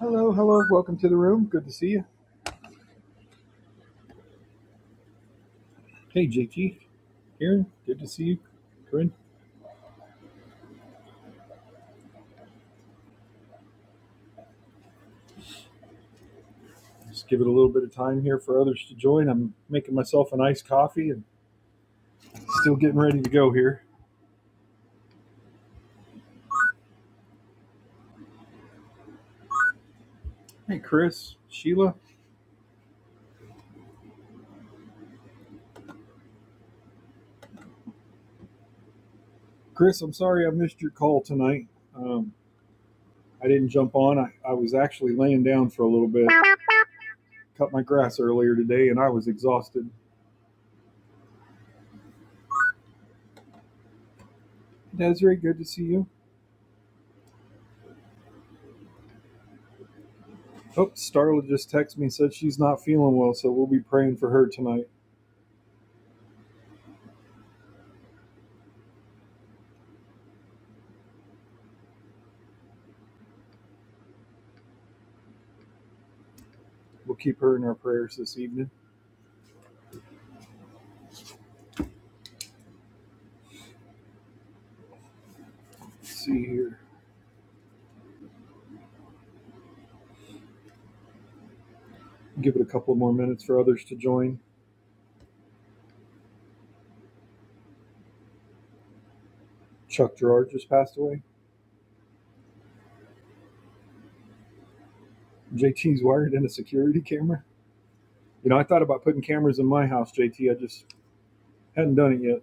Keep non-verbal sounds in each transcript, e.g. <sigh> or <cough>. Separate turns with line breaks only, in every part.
Hello, hello, welcome to the room. Good to see you. Hey, JT, Karen, good to see you. Corinne, just give it a little bit of time here for others to join. I'm making myself an iced coffee and still getting ready to go here. Hey, Chris, Sheila. Chris, I'm sorry I missed your call tonight. Um, I didn't jump on. I, I was actually laying down for a little bit. Cut my grass earlier today and I was exhausted. Desiree, good to see you. Oh, Starla just texted me and said she's not feeling well, so we'll be praying for her tonight. We'll keep her in our prayers this evening. Let's see here. Give it a couple more minutes for others to join. Chuck Gerard just passed away. JT's wired in a security camera. You know, I thought about putting cameras in my house, J T. I just hadn't done it yet.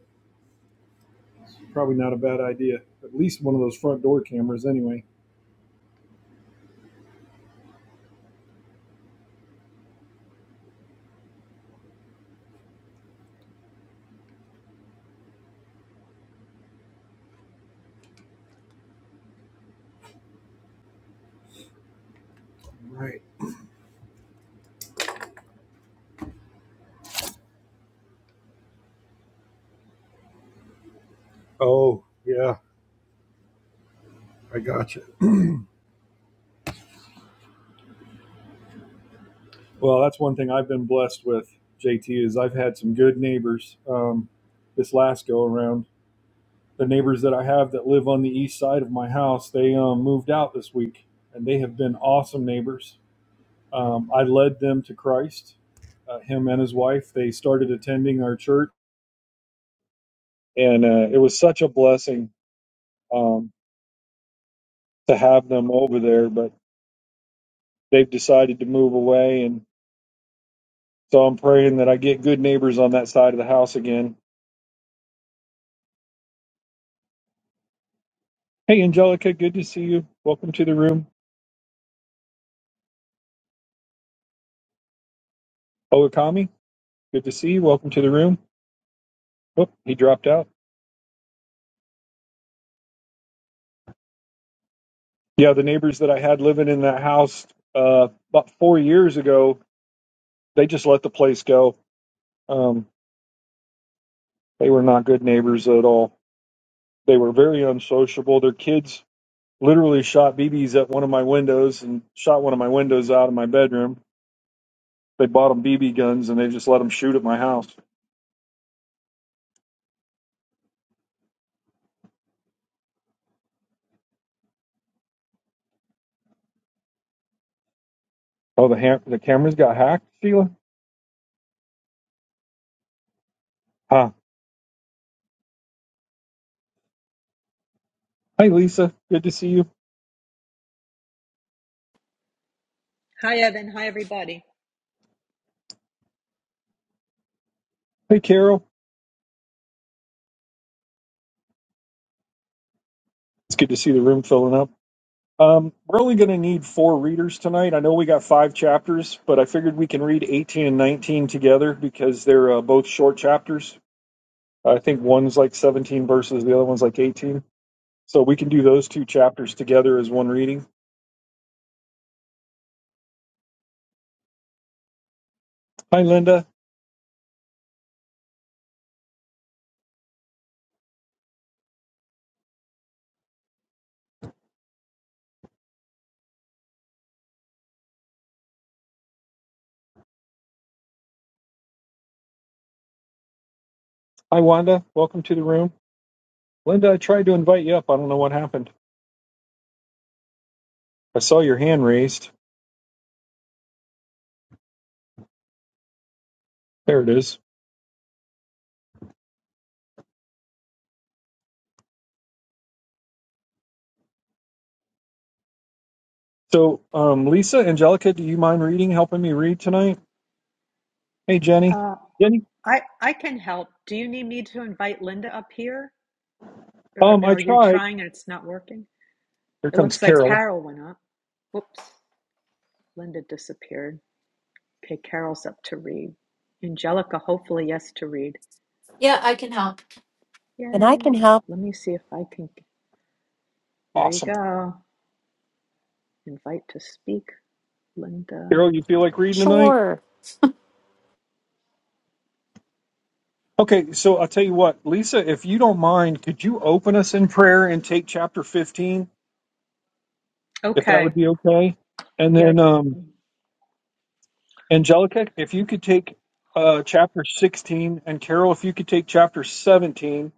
Probably not a bad idea. At least one of those front door cameras, anyway. Right. Oh, yeah. I gotcha. Well, that's one thing I've been blessed with, JT, is I've had some good neighbors um, this last go around. The neighbors that I have that live on the east side of my house, they um, moved out this week, and they have been awesome neighbors Um, I led them to Christ, uh, him and his wife. They started attending our church, and uh, it was such a blessing um, to have them over there. But they've decided to move away, and so I'm praying that I get good neighbors on that side of the house again. Hey, Angelica, good to see you. Welcome to the room. Okami, good to see you. Welcome to the room. Oh, he dropped out. Yeah, the neighbors that I had living in that house uh, about four years ago, they just let the place go. Um, they were not good neighbors at all They were very unsociable. Their kids literally shot BBs at one of my windows and shot one of my windows out of my bedroom. They bought them BB guns and they just let them shoot at my house. Oh, the ha- the cameras got hacked, Sheila. Huh. Hi, Lisa. Good to see you.
Hi, Evan. Hi, everybody.
Hey, Carol. It's good to see the room filling up. Um, we're only going to need four readers tonight. I know we got five chapters, but I figured we can read 18 and 19 together because they're uh, both short chapters. I think one's like 17 verses, the other one's like 18. So we can do those two chapters together as one reading. Hi, Linda. Hi, Wanda. Welcome to the room. Linda, I tried to invite you up. I don't know what happened. I saw your hand raised. There it is. So, um, Lisa, Angelica, do you mind reading, helping me read tonight? Hey, Jenny.
Uh,
Jenny?
I I can help. Do you need me to invite Linda up here, or
Um, I
are you
tried.
trying and it's not working?
Here
It
comes
looks like
Carol.
Carol went up. Whoops, Linda disappeared. Okay, Carol's up to read. Angelica, hopefully, yes to read.
Yeah, I can help.
and I can
Yay!
help.
Let me see if I can. There you
Awesome.
go. Invite to speak, Linda.
Carol, you feel like reading tonight?
Sure.
Okay, so I'll tell you what, Lisa, if you don't mind, could you open us in prayer and take chapter 15, if that would
Okay.
be okay? And
Yeah.
then um, Angelica, if you could take uh, chapter 16, and Carol, if you could take chapter 17,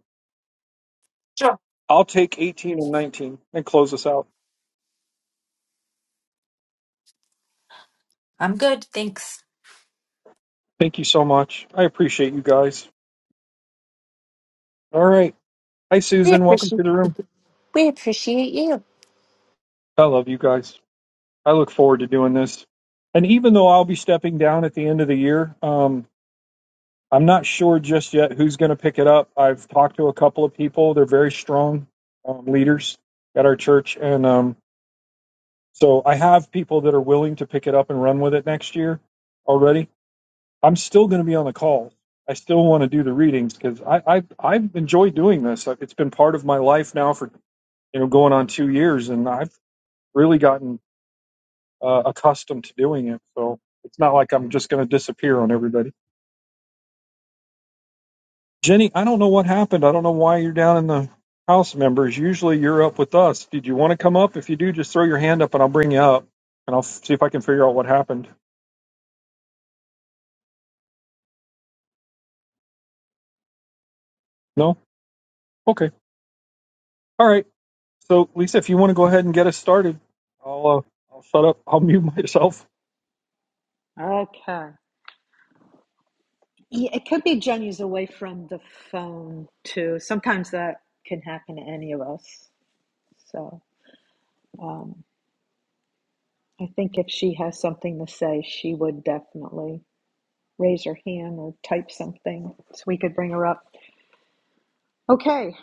Sure.
I'll take 18 and 19 and close us out.
I'm good. Thanks.
Thank you so much. I appreciate you guys. All right. Hi,
We
Susan. Welcome to
appreciate
the room.
we appreciate you.
I love you guys. I look forward to doing this. And even though I'll be stepping down at the end of the year, um, I'm not sure just yet who's going to pick it up. I've talked to a couple of people. They're very strong um, leaders at our church, and um, So I have people that are willing to pick it up and run with it next year already. I'm still going to be on the calls. I still want to do the readings because I, I I've enjoyed doing this. It's been part of my life now for you know going on two years, and I've really gotten uh, accustomed to doing it. So it's not like I'm just going to disappear on everybody. Jenny, I don't know what happened. I don't know why you're down in the house members. Usually you're up with us. Did you want to come up? If you do, just throw your hand up and I'll bring you up and I'll f- see if I can figure out what happened. No? Okay. All right. So, Lisa, if you want to go ahead and get us started, I'll uh, I'll shut up. <laughs> I'll mute myself.
Okay. Yeah, it could be Jenny's away from the phone too. Sometimes that can happen to any of us. So um, I think if she has something to say, she would definitely raise her hand or type something so we could bring her up. Okay.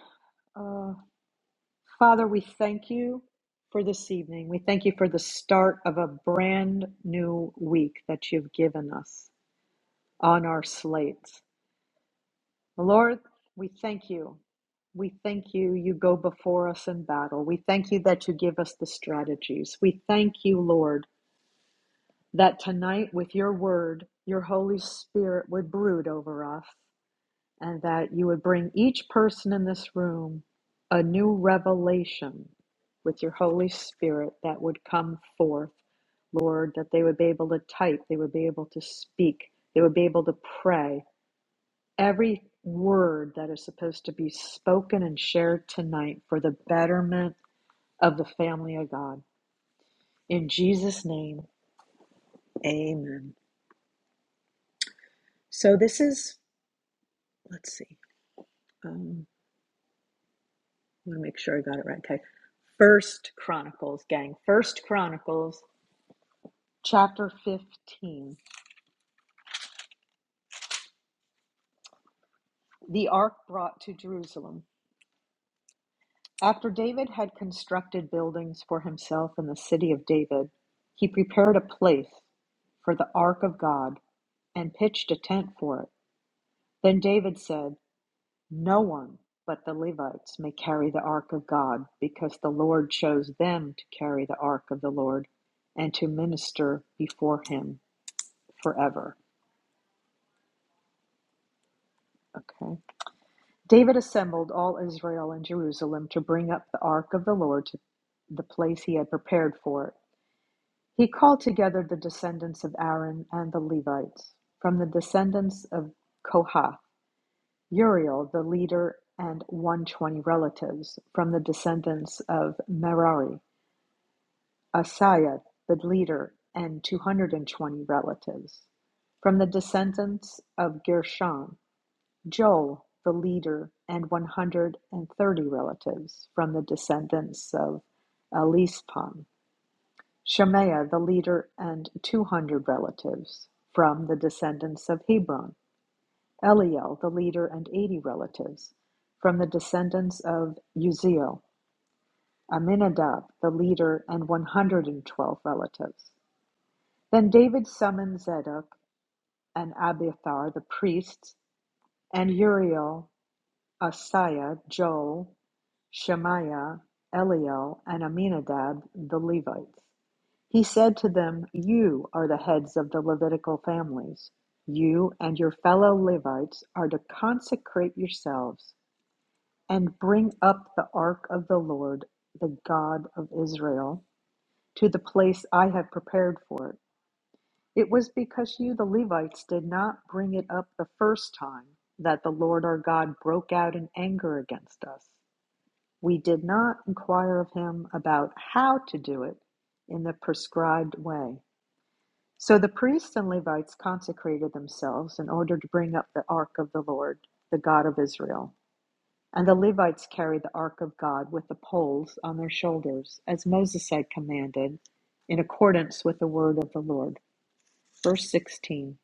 Uh, Father, we thank you for this evening. We thank you for the start of a brand new week that you've given us on our slate. Lord, we thank you. We thank you, you go before us in battle. We thank you that you give us the strategies. We thank you, Lord, that tonight with your word, your Holy Spirit would brood over us and that you would bring each person in this room a new revelation with your Holy Spirit that would come forth, Lord, that they would be able to type, they would be able to speak, they would be able to pray, Every word that is supposed to be spoken and shared tonight for the betterment of the family of God. In Jesus' name, amen. So this is, let's see, um, I want to make sure I got it right. Okay. First Chronicles, gang. First Chronicles, chapter 15. The ark brought to Jerusalem. After David had constructed buildings for himself in the city of David, he prepared a place for the ark of God and pitched a tent for it. Then David said, No one but the Levites may carry the ark of God, because the Lord chose them to carry the ark of the Lord and to minister before him forever. Okay. David assembled all Israel in Jerusalem to bring up the ark of the Lord to the place he had prepared for it. He called together the descendants of Aaron and the Levites. From the descendants of Kohath, Uriel, the leader, and 120 relatives. From the descendants of Merari, Asaiah, the leader, and 220 relatives. From the descendants of Gershon, Joel, the leader, and 130 relatives. From the descendants of Elispam, Shemaiah the leader and 200 relatives from the descendants of Hebron, Eliel the leader and 80 relatives from the descendants of Uzziel, Aminadab the leader and 112 relatives. Then David summoned Zadok and Abiathar the priests and Uriel, Asaiah, Joel, Shemaiah, Eliel, and Aminadab the Levites. He said to them, You are the heads of the Levitical families. You and your fellow Levites are to consecrate yourselves and bring up the ark of the Lord, the God of Israel, to the place I have prepared for it. It was because you, the Levites, did not bring it up the first time that the Lord our God broke out in anger against us. We did not inquire of him about how to do it in the prescribed way. So the priests and Levites consecrated themselves in order to bring up the ark of the Lord, the God of Israel. And the Levites carried the ark of God with the poles on their shoulders, as Moses had commanded, in accordance with the word of the Lord. Verse 16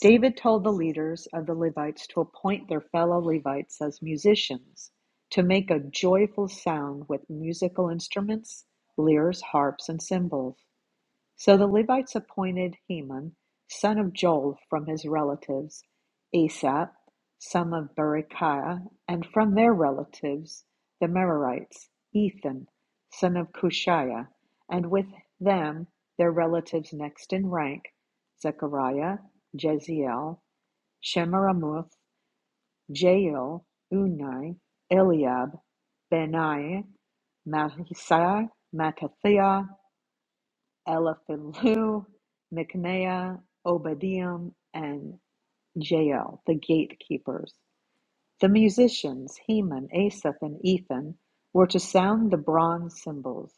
David told the leaders of the Levites to appoint their fellow Levites as musicians, to make a joyful sound with musical instruments, lyres, harps, and cymbals. So the Levites appointed Heman, son of Joel, from his relatives, Asaph, son of Berechiah, and from their relatives, the Merarites, Ethan, son of Cushiah, and with them their relatives next in rank, Zechariah, Jeziel, Shemaramuth, Jael, Unai, Eliab, Benai, Mahisai, Mattathiah, Eliphalu, Micaiah, Obadiah, and Jael, the gatekeepers. The musicians, Heman, Asaph, and Ethan, were to sound the bronze cymbals.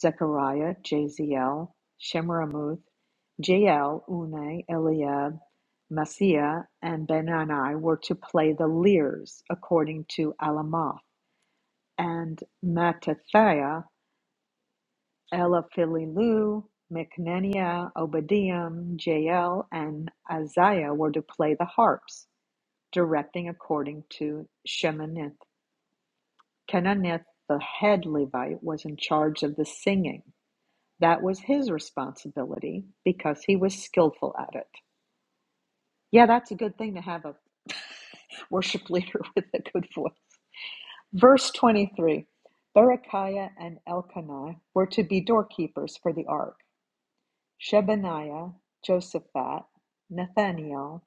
Zechariah, Jaziel, Shemiramuth, Jael, Unai, Eliab, Messiah, and Benani were to play the lyres according to Alamoth, and Mattathiah Elaphililu, Micnenia, Obadiah, Jael, and Isaiah were to play the harps, directing according to Shemanith. Kenanith, the head Levite, was in charge of the singing. That was his responsibility because he was skillful at it. Yeah, that's a good thing to have a worship <laughs> leader with a good voice. Verse 23 Berechiah and Elkanah were to be doorkeepers for the ark. Shebaniah, Joshaphat, Nathaniel,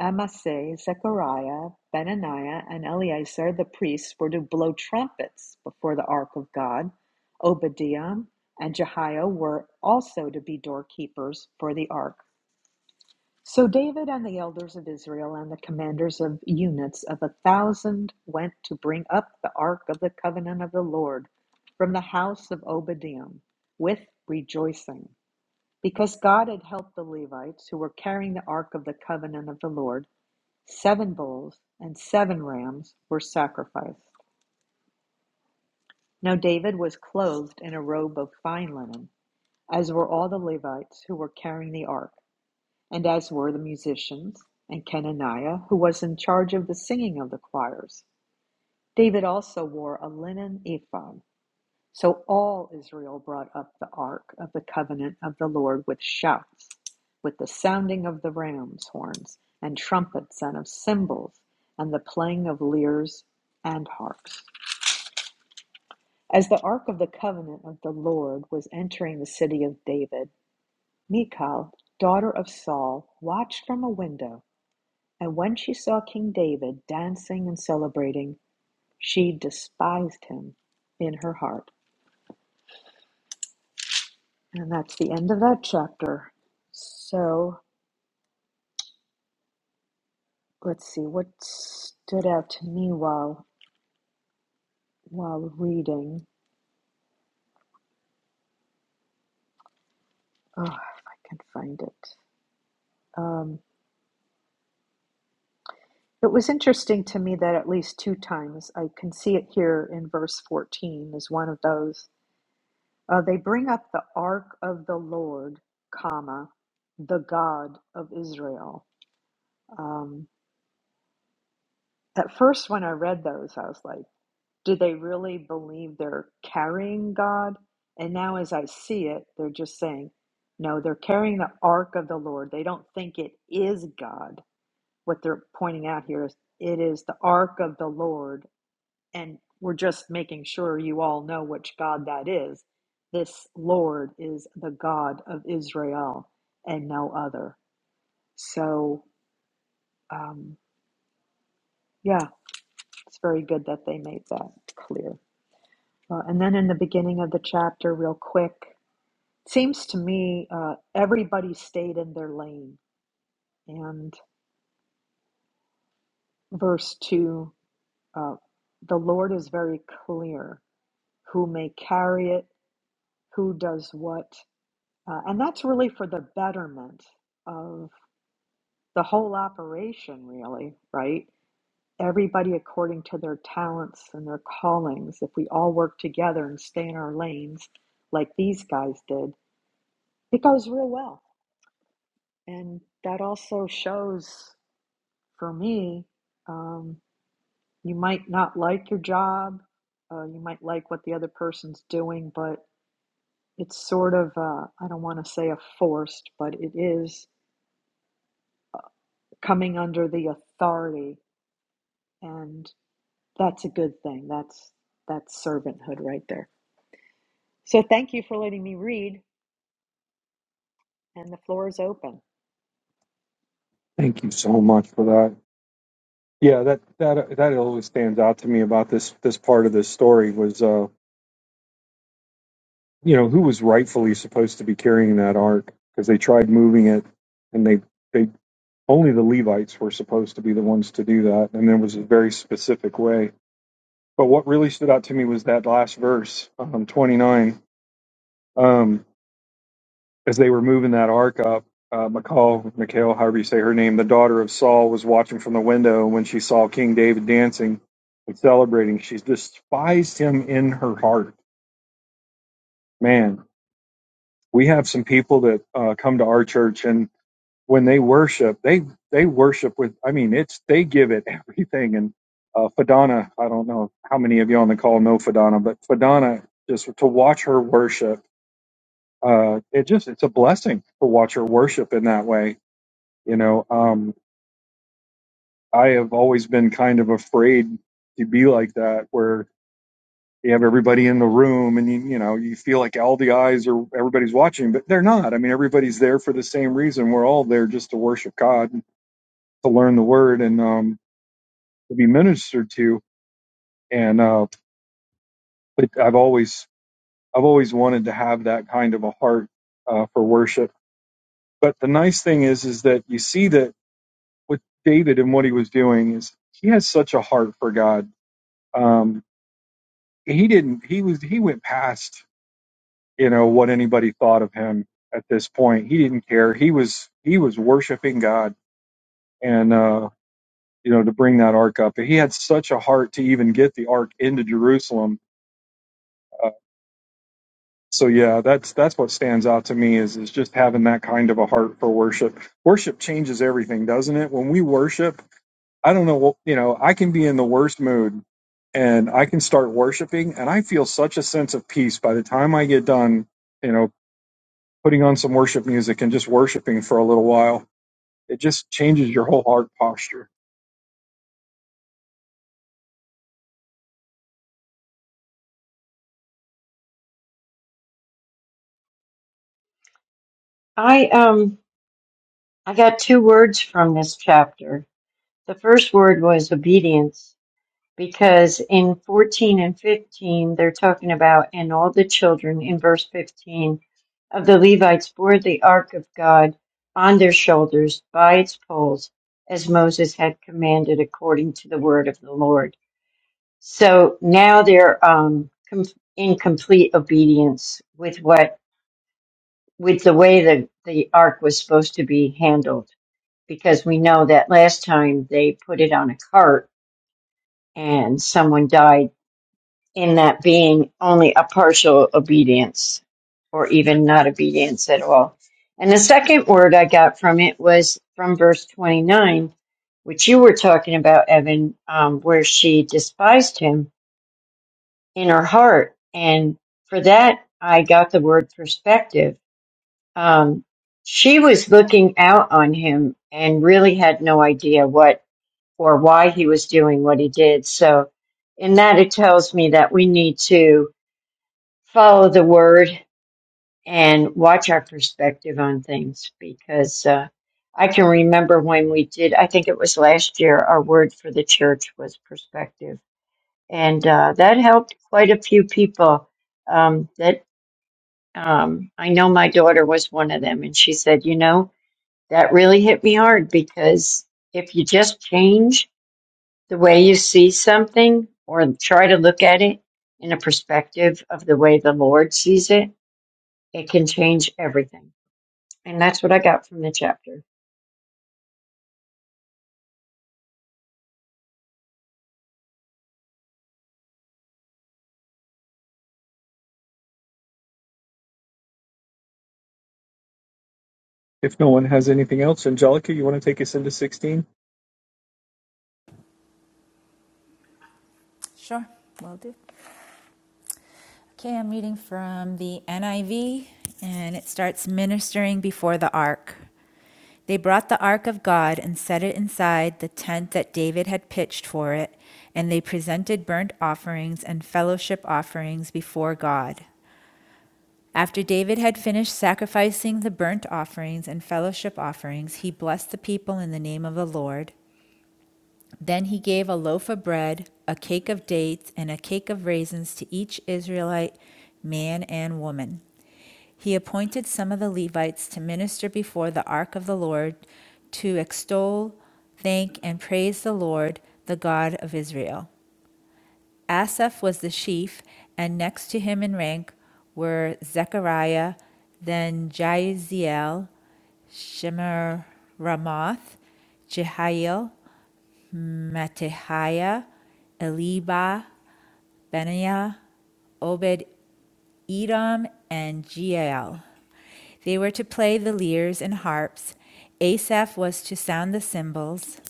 Amasai, Zechariah, Benaniah, and Eleazar the priests were to blow trumpets before the ark of God. Obadiah and Jehiel were also to be doorkeepers for the ark. So David and the elders of Israel and the commanders of units of a thousand went to bring up the ark of the covenant of the Lord from the house of Obadiah with rejoicing. Because God had helped the Levites who were carrying the ark of the covenant of the Lord, seven bulls and seven rams were sacrificed. Now David was clothed in a robe of fine linen, as were all the Levites who were carrying the ark, and as were the musicians, and Kenaniah, who was in charge of the singing of the choirs. David also wore a linen ephod. So all Israel brought up the ark of the covenant of the Lord with shouts, with the sounding of the ram's horns, and trumpets, and of cymbals, and the playing of lyres and harps. As the ark of the covenant of the Lord was entering the city of David, Michal, daughter of Saul, watched from a window, and when she saw King David dancing and celebrating, she despised him in her heart. And that's the end of that chapter. So let's see what stood out to me while while reading. Oh, if I can find it. Um, it was interesting to me that at least two times I can see it here in verse fourteen is one of those. Uh, they bring up the ark of the Lord, comma, the God of Israel. Um, at first, when I read those, I was like. Do they really believe they're carrying God? And now, as I see it, they're just saying, no, they're carrying the ark of the Lord. They don't think it is God. What they're pointing out here is it is the ark of the Lord. And we're just making sure you all know which God that is. This Lord is the God of Israel and no other. So, um, yeah, it's very good that they made that clear. Uh, and then in the beginning of the chapter, real quick, Seems to me uh, everybody stayed in their lane. And verse 2 uh, the Lord is very clear who may carry it, who does what. Uh, and that's really for the betterment of the whole operation, really, right? Everybody according to their talents and their callings. If we all work together and stay in our lanes like these guys did, it goes real well. And that also shows. for me, um, you might not like your job, uh, you might like what the other person's doing, but it's sort of, uh, I don't want to say a forced, but it is coming under the authority, and that's a good thing. That's that's servanthood right there. So thank you for letting me read, and the floor is open.
Thank you so much for that. Yeah, that that that always stands out to me about this this part of this story was uh you know who was rightfully supposed to be carrying that ark because they tried moving it and they they only the Levites were supposed to be the ones to do that and there was a very specific way. But what really stood out to me was that last verse, um, 29. Um, as they were moving that ark up, uh, McCall, Mikhail, however you say her name, the daughter of Saul was watching from the window. And when she saw King David dancing and celebrating, she despised him in her heart. Man, we have some people that uh, come to our church and when they worship, they, they worship with, I mean, it's, they give it <laughs> everything. And uh, Fadana, I don't know how many of you on the call know Fadana, but Fadana, just to watch her worship, uh, it just, it's a blessing to watch her worship in that way You know, um, I have always been kind of afraid to be like that, where you have everybody in the room and you, you know, you feel like all the eyes are everybody's watching, but they're not. I mean, everybody's there for the same reason. We're all there just to worship God, to learn the Word, and um, to be ministered to. And uh, but I've always, I've always wanted to have that kind of a heart uh, for worship. But the nice thing is, is that you see that with David and what he was doing is he has such a heart for God. Um, he didn't he was he went past you know what anybody thought of him at this point he didn't care he was he was worshiping god and uh you know to bring that ark up he had such a heart to even get the ark into jerusalem uh, so yeah that's that's what stands out to me is is just having that kind of a heart for worship worship changes everything doesn't it when we worship i don't know what you know i can be in the worst mood and i can start worshiping and i feel such a sense of peace by the time i get done You know. putting on some worship music and just worshiping for a little while. It just changes your whole heart posture.
I um I got two words from this chapter. The first word was obedience because in 14 and 15 they're talking about and all the children in verse 15 of the Levites bore the ark of God on their shoulders by its poles as Moses had commanded according to the word of the Lord. So now they're um com- in complete obedience with what with the way that the ark was supposed to be handled because we know that last time they put it on a cart and someone died in that being only a partial obedience or even not obedience at all. And the second word I got from it was from verse 29, which you were talking about, Evan, um, where she despised him in her heart. And for that, I got the word perspective. Um, she was looking out on him and really had no idea what for why he was doing what he did. So, in that, it tells me that we need to follow the word and watch our perspective on things because uh, I can remember when we did, I think it was last year, our word for the church was perspective. And uh, that helped quite a few people. Um, that um, I know my daughter was one of them, and she said, You know, that really hit me hard because if you just change, The way you see something or try to look at it in a perspective of the way the Lord sees it, it can change everything. And that's what I got from the chapter.
If no one has anything else, Angelica, you want to take us into 16?
Sure, will do. Okay, I'm reading from the NIV, and it starts ministering before the ark. They brought the ark of God and set it inside the tent that David had pitched for it, and they presented burnt offerings and fellowship offerings before God. After David had finished sacrificing the burnt offerings and fellowship offerings, he blessed the people in the name of the Lord. Then he gave a loaf of bread, a cake of dates, and a cake of raisins to each Israelite man and woman. He appointed some of the Levites to minister before the ark of the Lord to extol, thank, and praise the Lord, the God of Israel. Asaph was the chief, and next to him in rank were Zechariah, then Jaziel, Shemiramoth, Jehiel, Mattaniah, Eliba, Benaiah, Obed Edom, and Jeiel. They were to play the lyres and harps. Asaph was to sound the cymbals,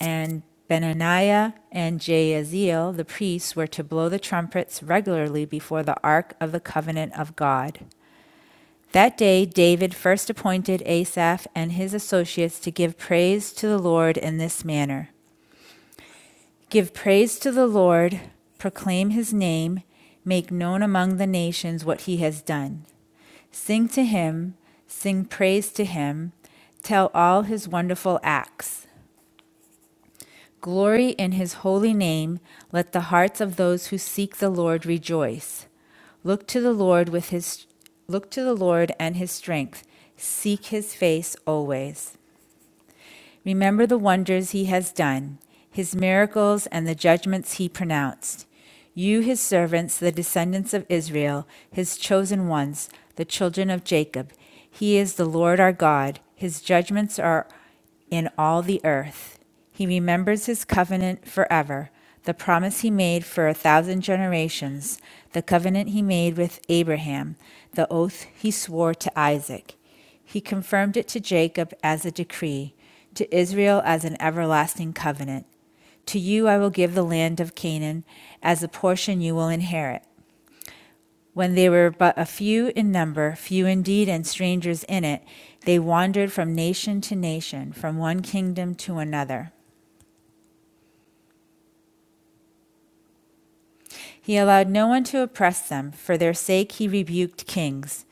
and Benaniah and Jaazeel, the priests, were to blow the trumpets regularly before the ark of the covenant of God. That day, David first appointed Asaph and his associates to give praise to the Lord in this manner. Give praise to the Lord, proclaim his name, make known among the nations what he has done. Sing to him, sing praise to him, tell all his wonderful acts. Glory in his holy name, let the hearts of those who seek the Lord rejoice. Look to the Lord with his look to the Lord and his strength. Seek his face always. Remember the wonders he has done, his miracles, and the judgments he pronounced. You, his servants, the descendants of Israel, his chosen ones, the children of Jacob. He is the Lord our God. His judgments are in all the earth. He remembers his covenant forever, the promise he made for a thousand generations, the covenant he made with Abraham, the oath he swore to Isaac. He confirmed it to Jacob as a decree, to Israel as an everlasting covenant. To you I will give the land of Canaan as a portion you will inherit. When they were but a few in number, few indeed and strangers in it, they wandered from nation to nation, from one kingdom to another. He allowed no one to oppress them. For their sake he rebuked kings.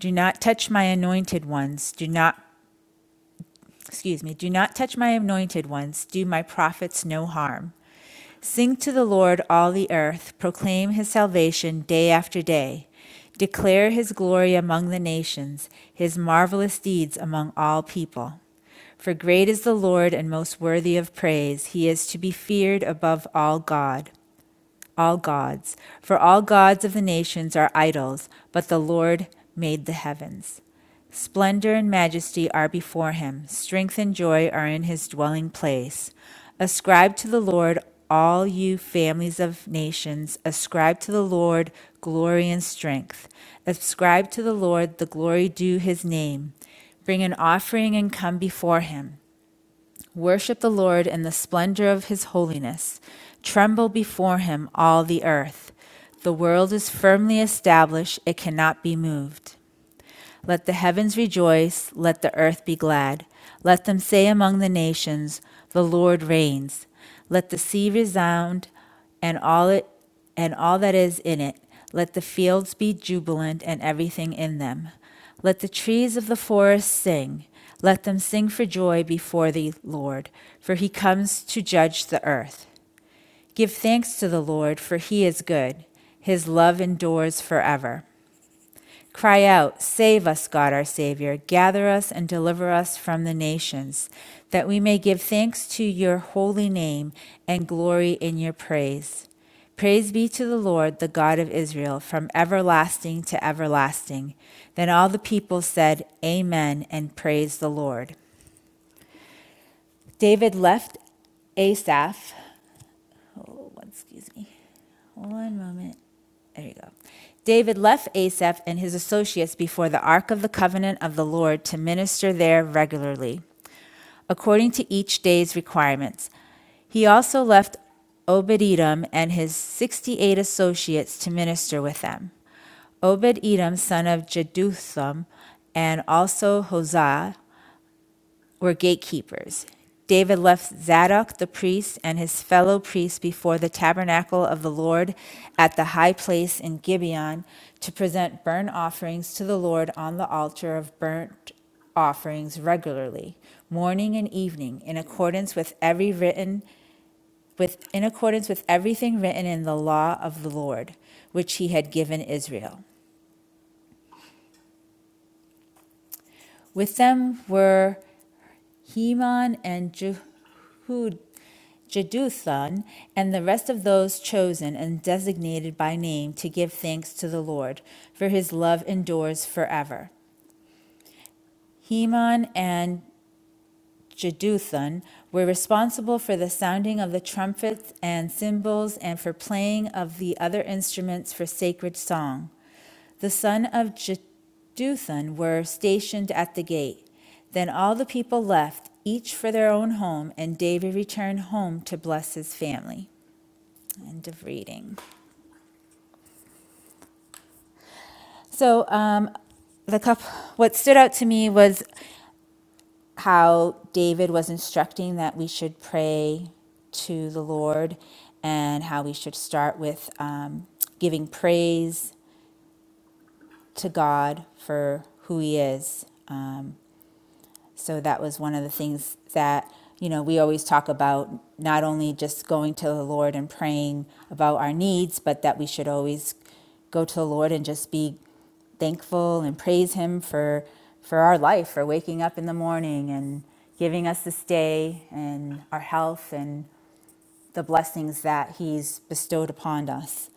Do not touch my anointed ones. Do not excuse me, do not touch my anointed ones, do my prophets no harm. Sing to the Lord, all the earth. Proclaim his salvation day after day. Declare his glory among the nations, his marvelous deeds among all people. For great is the Lord and most worthy of praise. He is to be feared above all God, all gods. For all gods of the nations are idols, but the Lord made the heavens. Splendor and majesty are before him, strength and joy are in his dwelling place. Ascribe to the Lord, all you families of nations, ascribe to the Lord glory and strength. Ascribe to the Lord the glory due his name. Bring an offering and come before him. Worship the Lord in the splendor of his holiness. Tremble before him, all the earth. The world is firmly established, it cannot be moved. Let the heavens rejoice, let the earth be glad. Let them say among the nations, The Lord reigns. Let the sea resound and all it and all that is in it. Let the fields be jubilant and everything in them. Let the trees of the forest sing. Let them sing for joy before the Lord, for he comes to judge the earth. Give thanks to the Lord, for he is good. His love endures forever. Cry out, Save us, God our Savior. Gather us and deliver us from the nations, that we may give thanks to your holy name and glory in your praise. Praise be to the Lord, the God of Israel, from everlasting to everlasting. Then all the people said, Amen, and praise the Lord. David left Asaph. Oh, excuse me. One moment. There you go. David left Asaph and his associates before the ark of the covenant of the Lord to minister there regularly, according to each day's requirements. He also left Obed Edom and his 68 associates to minister with them. Obed Edom, son of Jeduthun, and also Hosea, were gatekeepers. David left Zadok the priest and his fellow priests before the tabernacle of the Lord at the high place in Gibeon to present burnt offerings to the Lord on the altar of burnt offerings regularly, morning and evening, in accordance with every written with in accordance with everything written in the law of the Lord, which he had given Israel. With them were Heman and Jehud, Jeduthun, and the rest of those chosen and designated by name to give thanks to the Lord, for his love endures forever. Heman and Jeduthun were responsible for the sounding of the trumpets and cymbals and for playing of the other instruments for sacred song. The son of Jeduthun were stationed at the gate. Then all the people left, each for their own home, and David returned home to bless his family. End of reading. So, um, the cup. What stood out to me was how David was instructing that we should pray to the Lord and how we should start with um, giving praise to God for who He is. So that was one of the things that, you know, we always talk about not only just going to the Lord and praying about our needs, but that we should always go to the Lord and just be thankful and praise him for for our life, for waking up in the morning and giving us this day and our health and the blessings that He's bestowed upon us.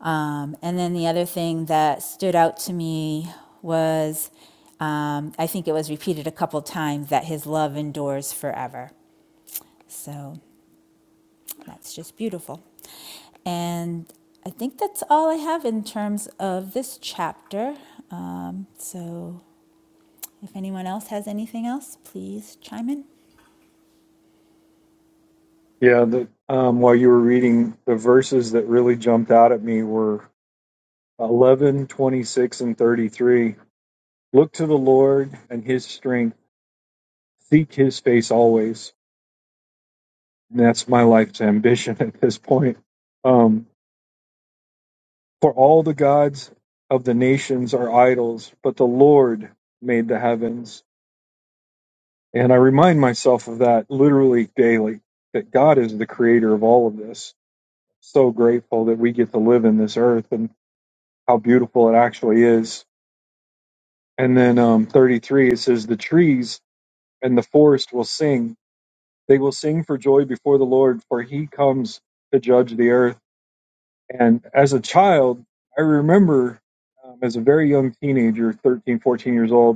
Um, and then the other thing that stood out to me was um, I think it was repeated a couple times that His love endures forever. So that's just beautiful. And I think that's all I have in terms of this chapter. Um, so if anyone else has anything else, please chime in.
Yeah, the, um, while you were reading, the verses that really jumped out at me were 11, 26, and 33. Look to the Lord and his strength, seek his face always. And that's my life's ambition <laughs> at this point. Um, for all the gods of the nations are idols, but the Lord made the heavens. And I remind myself of that literally daily that God is the creator of all of this. So grateful that we get to live in this earth and how beautiful it actually is. And then um, 33, it says, The trees and the forest will sing. They will sing for joy before the Lord, for he comes to judge the earth. And as a child, I remember um, as a very young teenager, 13, 14 years old,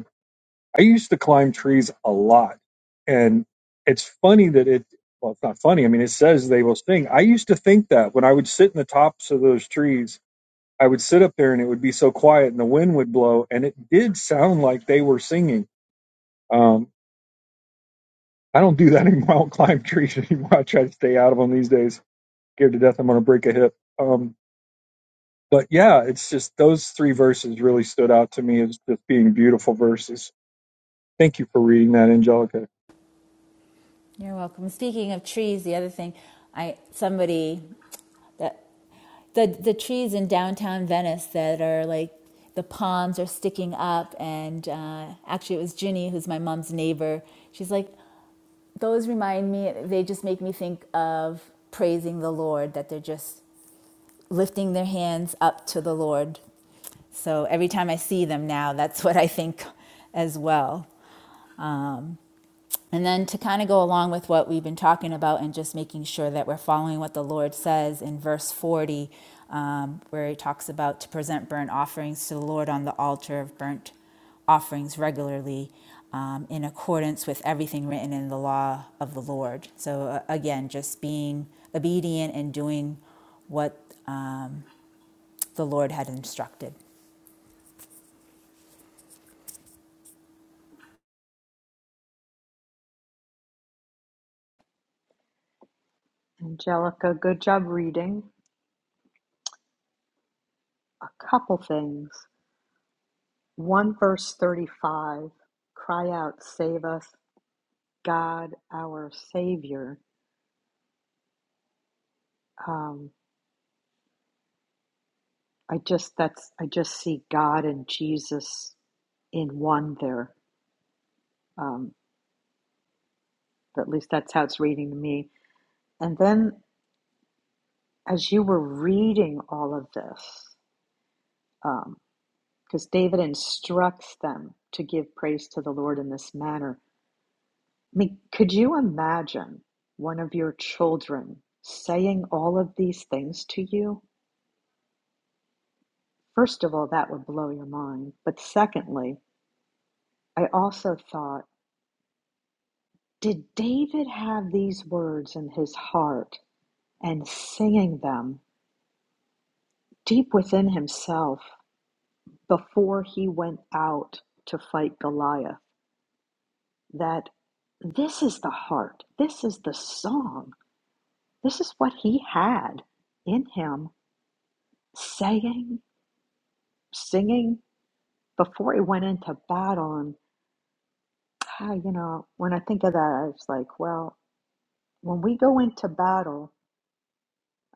I used to climb trees a lot. And it's funny that it, well, it's not funny. I mean, it says they will sting. I used to think that when I would sit in the tops of those trees, I would sit up there and it would be so quiet and the wind would blow. And it did sound like they were singing. Um, I don't do that <laughs> anymore. I don't climb trees anymore. I try to stay out of them these days. Scared to death I'm going to break a hip. Um, but yeah, it's just those three verses really stood out to me as just being beautiful verses. Thank you for reading that, Angelica.
You're welcome. Speaking of trees, the other thing, I somebody that the the trees in downtown Venice that are like the palms are sticking up, and uh, actually it was Ginny, who's my mom's neighbor. She's like, those remind me. They just make me think of praising the Lord. That they're just lifting their hands up to the Lord. So every time I see them now, that's <laughs> what I think as well. And then to kind of go along with what we've been talking about and just making sure that we're following what the Lord says in verse 40, um, where he talks about to present burnt offerings to the Lord on the altar of burnt offerings regularly um, in accordance with everything written in the law of the Lord. So, uh, again, just being obedient and doing what uh, the Lord had instructed.
Angelica, good job reading. A couple things. One verse thirty-five. Cry out, save us, God, our Savior. Um, I just that's I just see God and Jesus in one there. Um, at least that's how it's reading to me. And then as you were reading all of this, because um, David instructs them to give praise to the Lord in this manner, I mean, could you imagine one of your children saying all of these things to you? First of all, that would blow your mind. But secondly, I also thought, did David have these words in his heart and singing them deep within himself before he went out to fight Goliath? That this is the heart, this is the song, this is what he had in him, saying, singing before he went into battle. And, ah, you know, when I think of that, I was like, well, when we go into battle,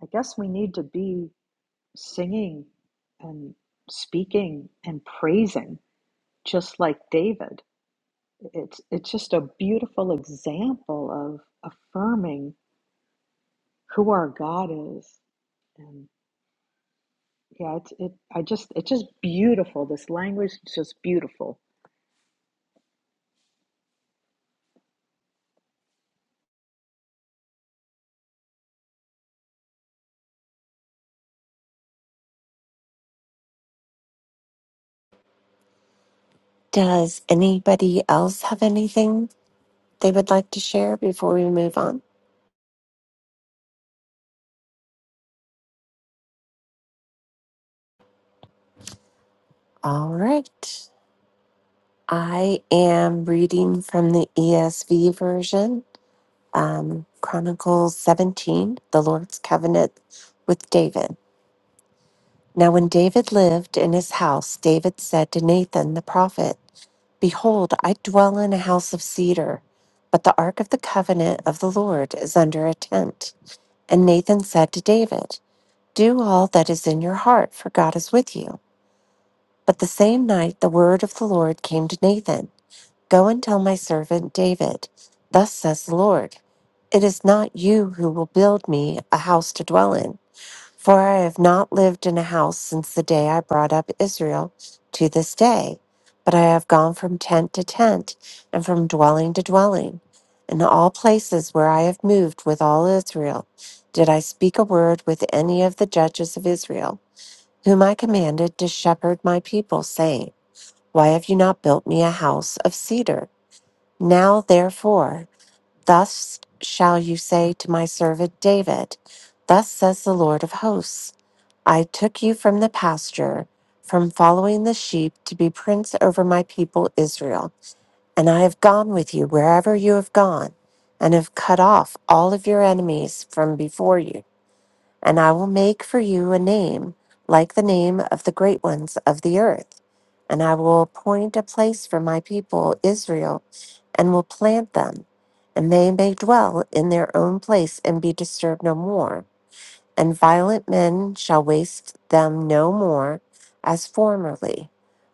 I guess we need to be singing and speaking and praising just like David it's it's just a beautiful example of affirming who our God is and yeah it's it I just it's just beautiful this language is just beautiful
Does anybody else have anything they would like to share before we move on? All right. I am reading from the ESV version, um, Chronicles 17, the Lord's covenant with David. Now, when David lived in his house, David said to Nathan the prophet, Behold, I dwell in a house of cedar, but the ark of the covenant of the Lord is under a tent. And Nathan said to David, Do all that is in your heart, for God is with you. But the same night the word of the Lord came to Nathan Go and tell my servant David, Thus says the Lord, It is not you who will build me a house to dwell in for I have not lived in a house since the day I brought up Israel to this day, but I have gone from tent to tent and from dwelling to dwelling. In all places where I have moved with all Israel, did I speak a word with any of the judges of Israel, whom I commanded to shepherd my people, saying, Why have you not built me a house of cedar? Now therefore, thus shall you say to my servant David, Thus says the Lord of hosts. I took you from the pasture, from following the sheep, to be prince over my people Israel. And I have gone with you wherever you have gone, and have cut off all of your enemies from before you. And I will make for you a name like the name of the great ones of the earth. And I will appoint a place for my people Israel, and will plant them, and they may dwell in their own place and be disturbed no more and violent men shall waste them no more as formerly,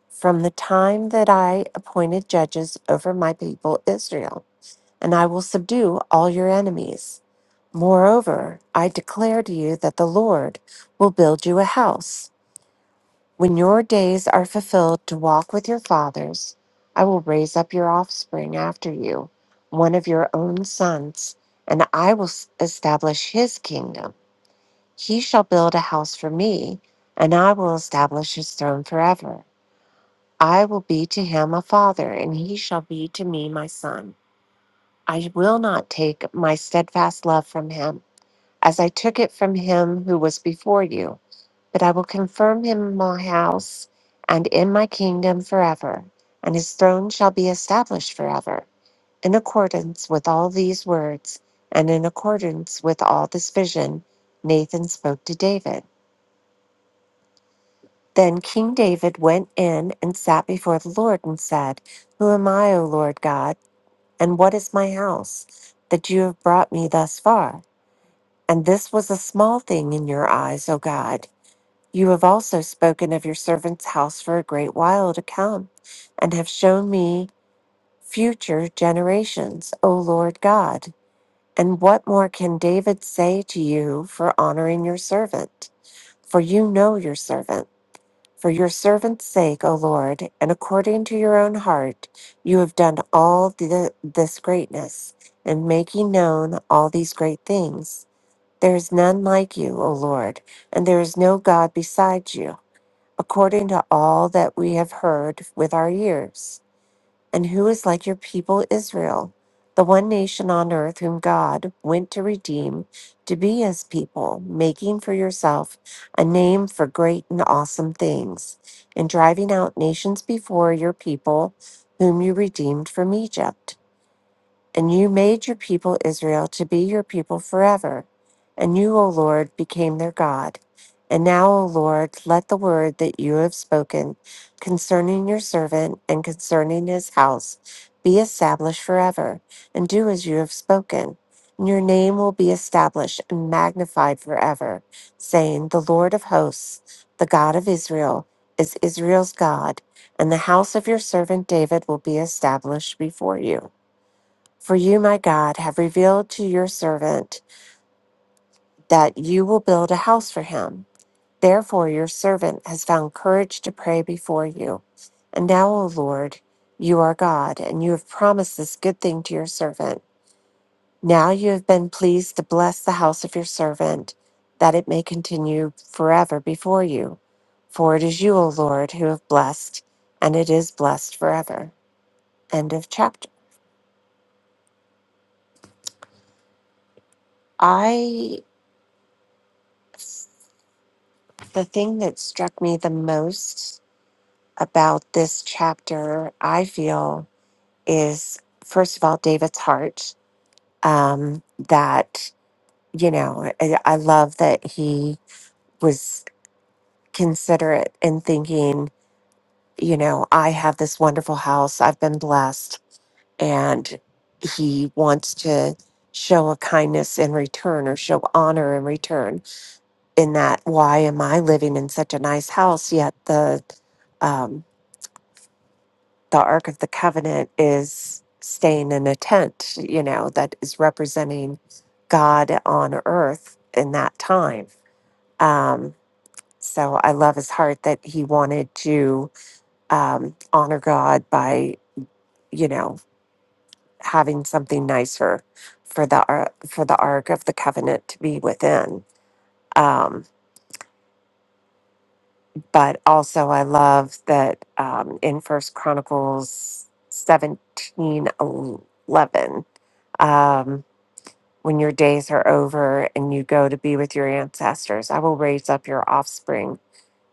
from the time that I appointed judges over my people Israel, and I will subdue all your enemies. Moreover, I declare to you that the Lord will build you a house. When your days are fulfilled to walk with your fathers, I will raise up your offspring after you, one of your own sons, and I will s- establish his kingdom. He shall build a house for me, and I will establish his throne forever. I will be to him a father, and he shall be to me my son. I will not take my steadfast love from him, as I took it from him who was before you, but I will confirm him in my house and in my kingdom forever, and his throne shall be established forever. In accordance with all these words, and in accordance with all this vision, Nathan spoke to David. Then King David went in and sat before the Lord and said, Who am I, O Lord God, and what is my house, that you have brought me thus far? And this was a small thing in your eyes, O God. You have also spoken of your servant's house for a great while to come, and have shown me future generations, O Lord God. And what more can David say to you for honoring your servant? For you know your servant for your servant's sake, O Lord, and according to your own heart, you have done all the, this greatness, and making known all these great things. There is none like you, O Lord, and there is no God beside you, according to all that we have heard with our ears. And who is like your people Israel, the one nation on earth whom God went to redeem to be his people, making for yourself a name for great and awesome things, and driving out nations before your people whom you redeemed from Egypt? And you made your people Israel to be your people forever. And you, O Lord, became their God. And now, O Lord, let the word that you have spoken concerning your servant and concerning his house be established forever, and do as you have spoken. And your name will be established and magnified forever, saying, The Lord of hosts, the God of Israel, is Israel's God, and the house of your servant David will be established before you. For you, my God, have revealed to your servant that you will build a house for him. Therefore, your servant has found courage to pray before you. And now, O Lord, you are God, and you have promised this good thing to your servant. Now you have been pleased to bless the house of your servant, that it may continue forever before you. For it is you, O Lord, who have blessed, and it is blessed forever. End of chapter. I The thing that struck me the most about this chapter, I feel, is first of all, David's heart. Um, that, you know, I, I love that he was considerate in thinking, you know, I have this wonderful house, I've been blessed, and he wants to show a kindness in return or show honor in return in that why am i living in such a nice house yet the um, the Ark of the Covenant is staying in a tent, you know, that is representing God on earth in that time. Um, so I love his heart that he wanted to um, honor God by, you know, having something nicer for the ar- for the Ark of the Covenant to be within. Um, but also, I love that um, in First Chronicles seventeen eleven. um, When your days are over and you go to be with your ancestors, I will raise up your offspring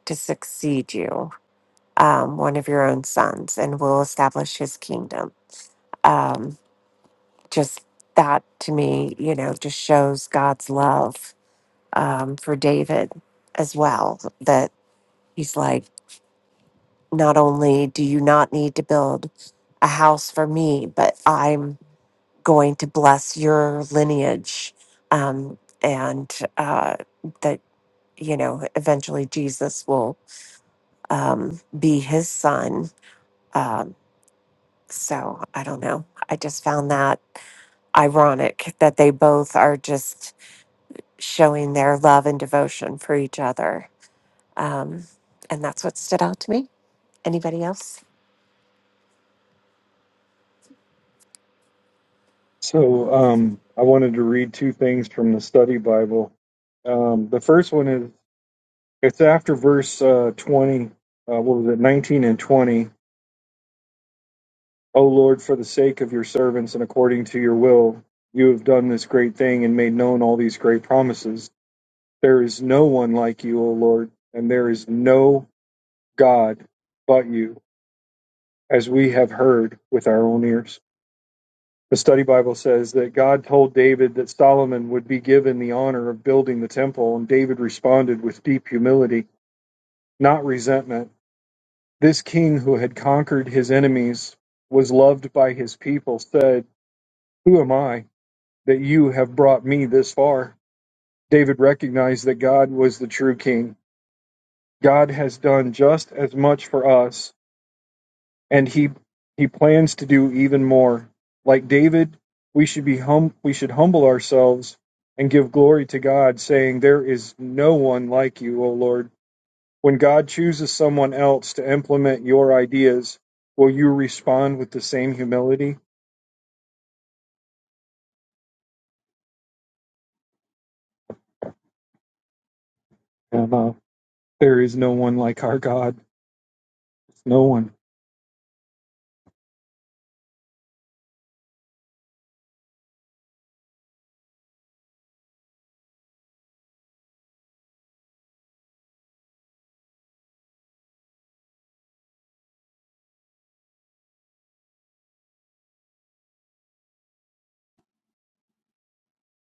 to succeed you, um, one of your own sons, and will establish his kingdom. Um, just that to me, you know, just shows God's love um, for David as well. That he's like, not only do you not need to build a house for me, but I'm going to bless your lineage. Um, and uh, that. you know, eventually Jesus will um, be his son. Um, so I don't know. I just found that ironic that they both are just showing their love and devotion for each other. Um, and that's what stood out to me. Anybody else?
So um, I wanted to read two things from the study Bible. Um, the first one is it's after verse uh, 20, uh, what was it, 19 and 20. O Lord, for the sake of your servants and according to your will, you have done this great thing and made known all these great promises. There is no one like you, O Lord, and there is no God but you, as we have heard with our own ears. The study Bible says that God told David that Solomon would be given the honor of building the temple, and David responded with deep humility, not resentment. This king who had conquered his enemies was loved by his people, said, Who am I that you have brought me this far? David recognized that God was the true king. God has done just as much for us and he he plans to do even more. Like David, we should be hum we should humble ourselves and give glory to God, saying, "There is no one like you, O Lord." When God chooses someone else to implement your ideas, will you respond with the same humility? Yeah, no. There is no one like our God. No one.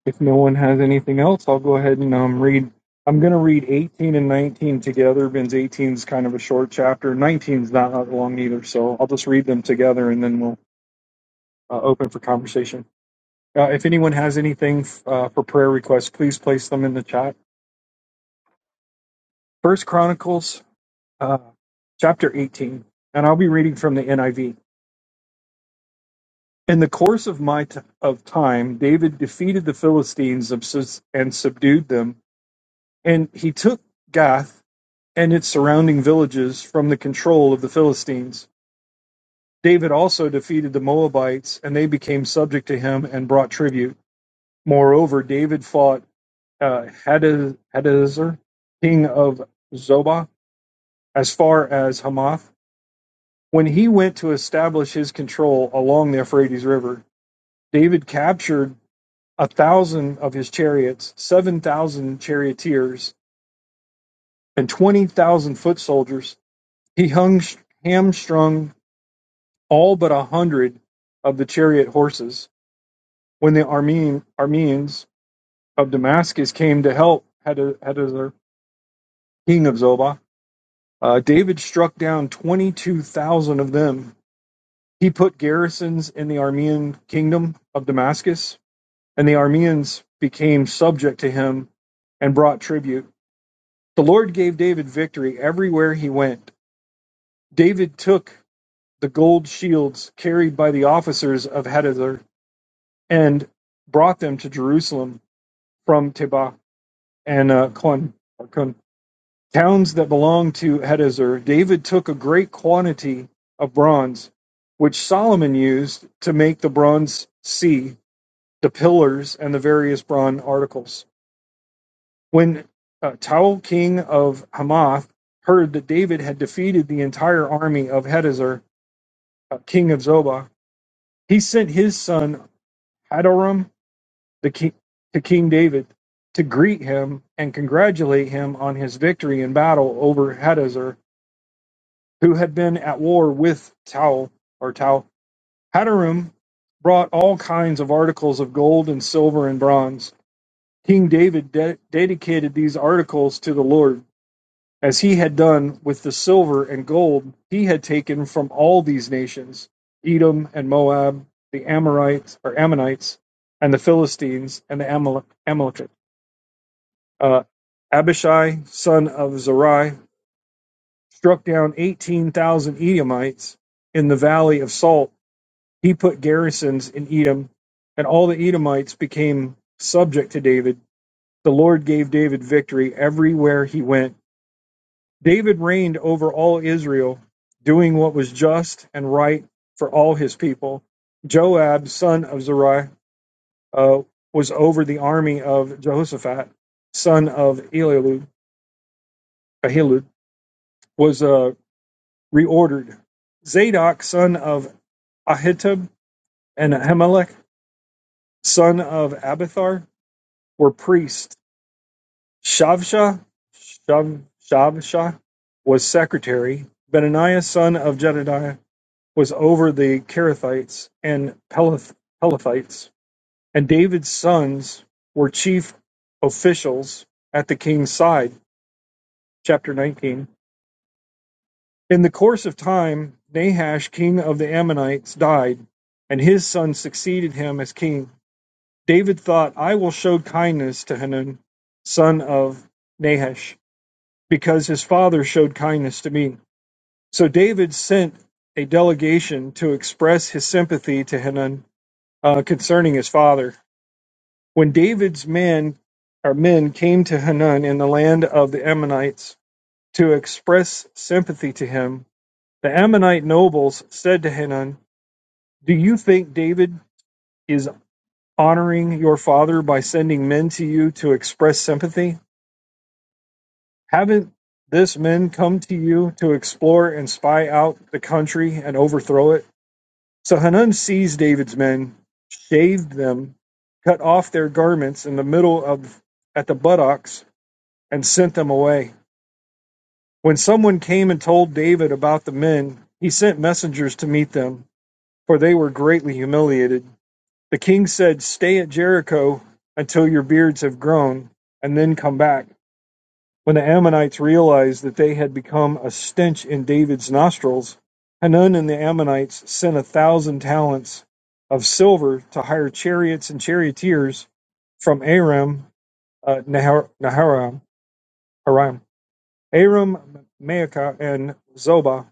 If no one has anything else, I'll go ahead and um, read. I'm going to read 18 and 19 together. Ben's 18 is kind of a short chapter. 19 is not that long either, so I'll just read them together and then we'll uh, open for conversation. Uh, if anyone has anything uh, for prayer requests, please place them in the chat. First Chronicles, uh, chapter 18, and I'll be reading from the NIV. In the course of my t- of time, David defeated the Philistines and subdued them, and he took Gath and its surrounding villages from the control of the Philistines. David also defeated the Moabites, and they became subject to him and brought tribute. Moreover, David fought uh, Hadaz- king of Zobah, as far as Hamath. When he went to establish his control along the Euphrates River, David captured a thousand of his chariots, seven thousand charioteers, and twenty thousand foot soldiers. He hung hamstrung all but a hundred of the chariot horses when the Armene, Armenes of Damascus came to help Hadazer, king of Zobah. Uh, David struck down 22,000 of them. He put garrisons in the Armenian kingdom of Damascus, and the Armenians became subject to him and brought tribute. The Lord gave David victory everywhere he went. David took the gold shields carried by the officers of Hadazer and brought them to Jerusalem from Tebach and uh, Con, Con, towns that belonged to Hadazer. David took a great quantity of bronze, which Solomon used to make the bronze sea, the pillars, and the various bronze articles. When uh, Towel, king of Hamath, heard that David had defeated the entire army of Hadazer, uh, king of Zobah, he sent his son Hadoram the king, to King David to greet him and congratulate him on his victory in battle over Hadazer, who had been at war with Tau or Tau. Hadarum brought all kinds of articles of gold and silver and bronze. King David de- dedicated these articles to the Lord, as he had done with the silver and gold he had taken from all these nations, Edom and Moab, the Amorites or Ammonites, and the Philistines and the Amal- Amalekites. Uh, Abishai, son of Zerai, struck down 18,000 Edomites in the valley of Salt. He put garrisons in Edom, and all the Edomites became subject to David. The Lord gave David victory everywhere he went. David reigned over all Israel, doing what was just and right for all his people. Joab, son of Zerai, uh, was over the army of Jehoshaphat, son of Eliud. Ahilud was uh, reordered: Zadok son of Ahitub and Ahimelech son of Abithar were priests; Shavsha was secretary; Benaniah son of Jedidiah was over the Kerethites and Peleth- Pelethites; and David's sons were chief officials at the king's side. Chapter 19. In the course of time, Nahash king of the Ammonites died, and his son succeeded him as king. David thought, I will show kindness to Hanun, son of Nahash, because his father showed kindness to me. So David sent a delegation to express his sympathy to Hanun uh, concerning his father. When David's men or men came to Hanun in the land of the Ammonites to express sympathy to him, The Ammonite nobles said to Hanun, Do you think David is honoring your father by sending men to you to express sympathy? Haven't this men come to you to explore and spy out the country and overthrow it? So Hanun seized David's men, shaved them, cut off their garments in the middle of at the buttocks, and sent them away. When someone came and told David about the men, he sent messengers to meet them, for they were greatly humiliated. The king said, Stay at Jericho until your beards have grown, and then come back. When the Ammonites realized that they had become a stench in David's nostrils, Hanun and the Ammonites sent a thousand talents of silver to hire chariots and charioteers from Aram, uh, Nahar- Naharam, Haram, Aram, Maacah, and Zobah.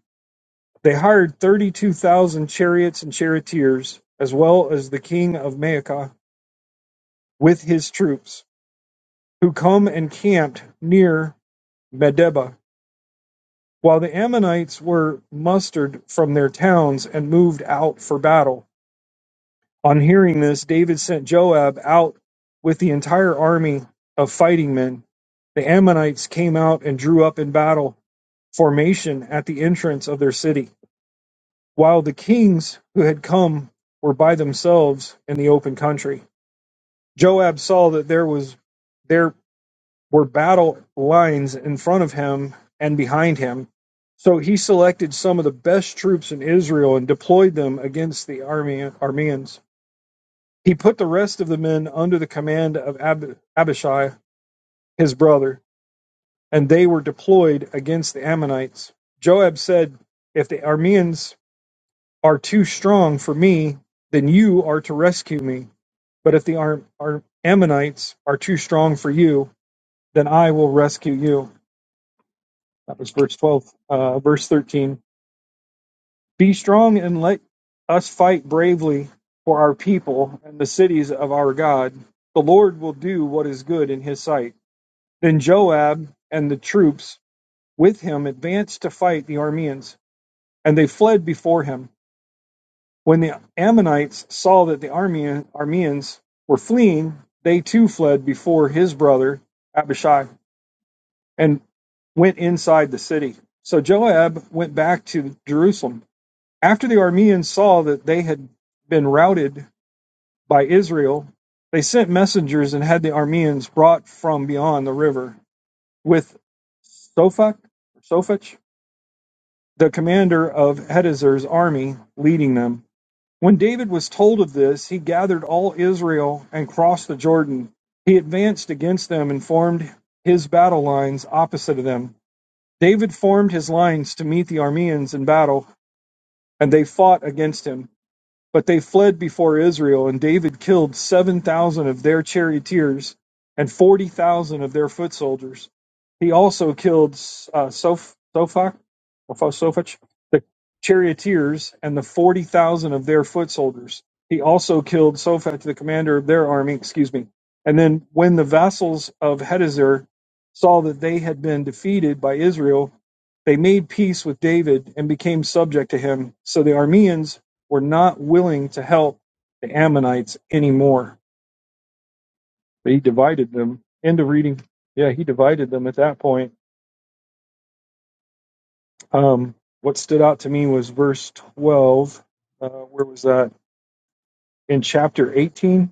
They hired 32,000 chariots and charioteers, as well as the king of Maacah with his troops who come and camped near Medeba, while the Ammonites were mustered from their towns and moved out for battle. On hearing this, David sent Joab out with the entire army of fighting men. The Ammonites came out and drew up in battle formation at the entrance of their city, while the kings who had come were by themselves in the open country. Joab saw that there was there were battle lines in front of him and behind him. So he selected some of the best troops in Israel and deployed them against the Arameans. He put the rest of the men under the command of Ab- Abishai, his brother, and they were deployed against the Ammonites. Joab said, If the Arameans are too strong for me, then you are to rescue me. But if the Ar- Ar- Ammonites are too strong for you, then I will rescue you. That was verse 12. Uh, verse 13. Be strong and let us fight bravely for our people and the cities of our God. The Lord will do what is good in his sight. Then Joab and the troops with him advanced to fight the Arameans, and they fled before him. When the Ammonites saw that the Arameans were fleeing, they too fled before his brother Abishai and went inside the city. So Joab went back to Jerusalem After the Arameans saw that they had been routed by Israel, they sent messengers and had the Arameans brought from beyond the river with Sophach, Sophach, the commander of Hadazer's army, leading them. When David was told of this, he gathered all Israel and crossed the Jordan. He advanced against them and formed his battle lines opposite of them. David formed his lines to meet the Arameans in battle, and they fought against him. But they fled before Israel, and David killed 7,000 of their charioteers and 40,000 of their foot soldiers. He also killed uh, Soph- Sophach, Sophach, the charioteers, and the 40,000 of their foot soldiers. He also killed Sophach, the commander of their army, excuse me. And then when the vassals of Hadazer saw that they had been defeated by Israel, they made peace with David and became subject to him. So the Arameans were not willing to help the Ammonites anymore. He divided them. End of reading. Yeah, he divided them at that point. Um, what stood out to me was verse 12. Uh, where was that? In chapter 18?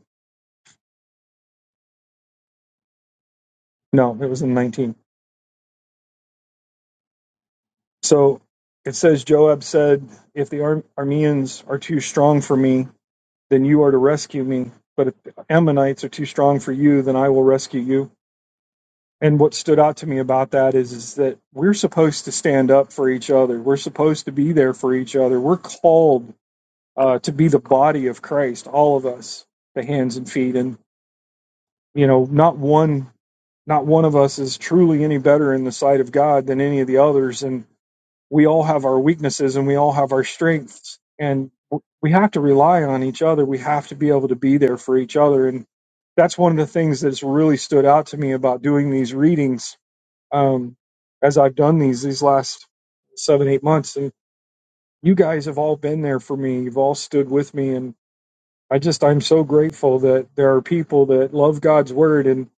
No, it was in 19. So it says, Joab said, If the Ar- Armenians are too strong for me, then you are to rescue me. But if the Ammonites are too strong for you, then I will rescue you. And what stood out to me about that is, is that we're supposed to stand up for each other. We're supposed to be there for each other. We're called uh, to be the body of Christ, all of us, the hands and feet. And, you know, not one, not one of us is truly any better in the sight of God than any of the others. And we all have our weaknesses and we all have our strengths. And we have to rely on each other. We have to be able to be there for each other. And that's one of the things that's really stood out to me about doing these readings um, as I've done these these last seven eight months, and you guys have all been there for me. You've all stood with me, and I just I'm so grateful that there are people that love God's word, and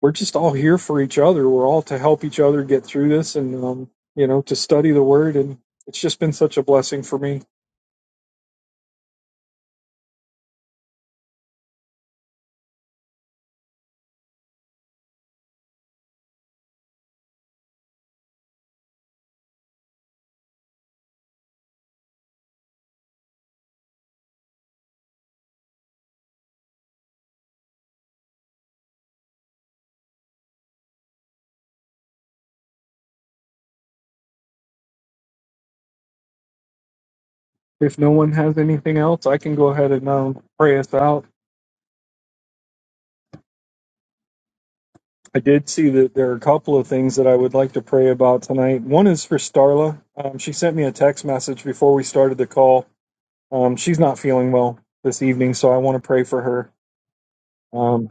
we're just all here for each other. We're all to help each other get through this, and um, you know to study the word, and it's just been such a blessing for me. If no one has anything else, I can go ahead and um, pray us out. I did see that there are a couple of things that I would like to pray about tonight. One is for Starla. Um, she sent me a text message before we started the call. Um, she's not feeling well this evening, so I want to pray for her. Um,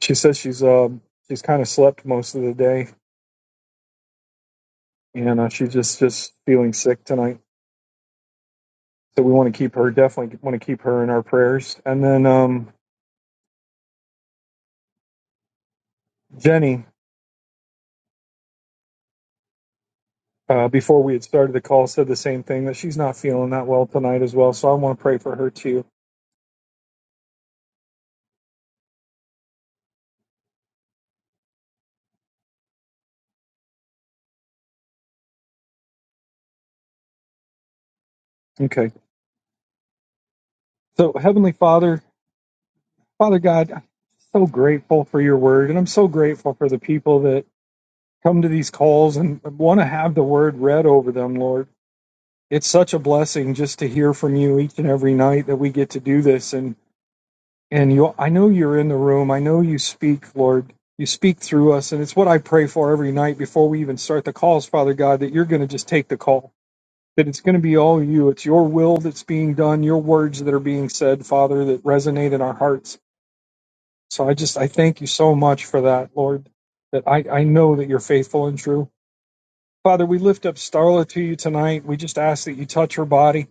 she says she's uh, she's kind of slept most of the day, and uh, she's just just feeling sick tonight. So we want to keep her definitely want to keep her in our prayers. And then um, Jenny, uh, before we had started the call, said the same thing that she's not feeling that well tonight as well. So I want to pray for her too. Okay. So, Heavenly Father, Father God, I'm so grateful for your word, and I'm so grateful for the people that come to these calls and want to have the word read over them, Lord. It's such a blessing just to hear from you each and every night that we get to do this and and you I know you're in the room. I know you speak, Lord. You speak through us, and it's what I pray for every night before we even start the calls, Father God, that you're going to just take the call. That it's going to be all you. It's your will that's being done, your words that are being said, Father, that resonate in our hearts. So I just I thank you so much for that, Lord, that I, I know that you're faithful and true. Father, we lift up Starla to you tonight. We just ask that you touch her body,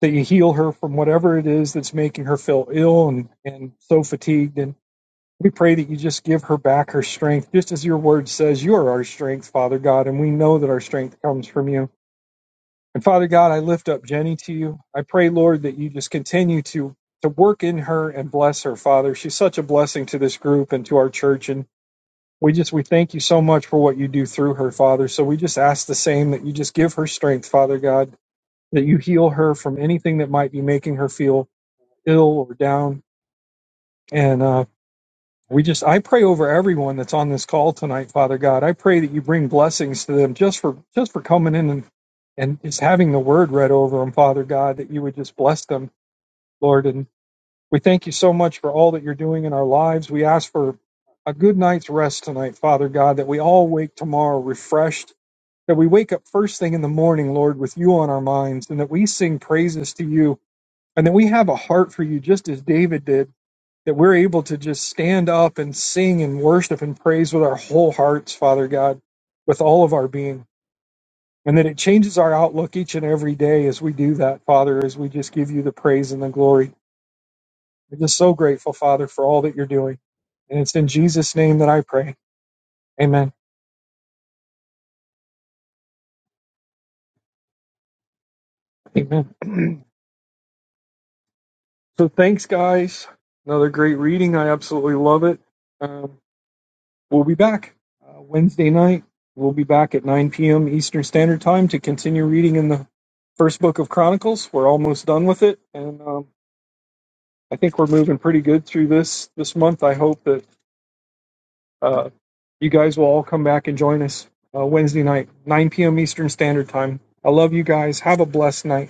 that you heal her from whatever it is that's making her feel ill and, and so fatigued. And we pray that you just give her back her strength, just as your word says, you are our strength, Father God, and we know that our strength comes from you. And Father God, I lift up Jenny to you. I pray, Lord, that you just continue to to work in her and bless her, Father. She's such a blessing to this group and to our church and we just we thank you so much for what you do through her, Father. So we just ask the same that you just give her strength, Father God, that you heal her from anything that might be making her feel ill or down. And uh, we just I pray over everyone that's on this call tonight, Father God. I pray that you bring blessings to them just for just for coming in and and just having the word read over them, Father God, that you would just bless them, Lord, and we thank you so much for all that you're doing in our lives. We ask for a good night's rest tonight, Father God, that we all wake tomorrow refreshed, that we wake up first thing in the morning, Lord, with you on our minds, and that we sing praises to you, and that we have a heart for you, just as David did, that we're able to just stand up and sing and worship and praise with our whole hearts, Father God, with all of our being. And that it changes our outlook each and every day as we do that, Father, as we just give you the praise and the glory. We're just so grateful, Father, for all that you're doing. And it's in Jesus' name that I pray. Amen. Amen. So thanks, guys. Another great reading. I absolutely love it. Um, we'll be back uh, Wednesday night. We'll be back at 9 p.m. Eastern Standard Time to continue reading in the first book of Chronicles. We're almost done with it, and um, I think we're moving pretty good through this this month. I hope that Uh, you guys will all come back and join us uh, Wednesday night, 9 p.m. Eastern Standard Time. I love you guys. Have a blessed night.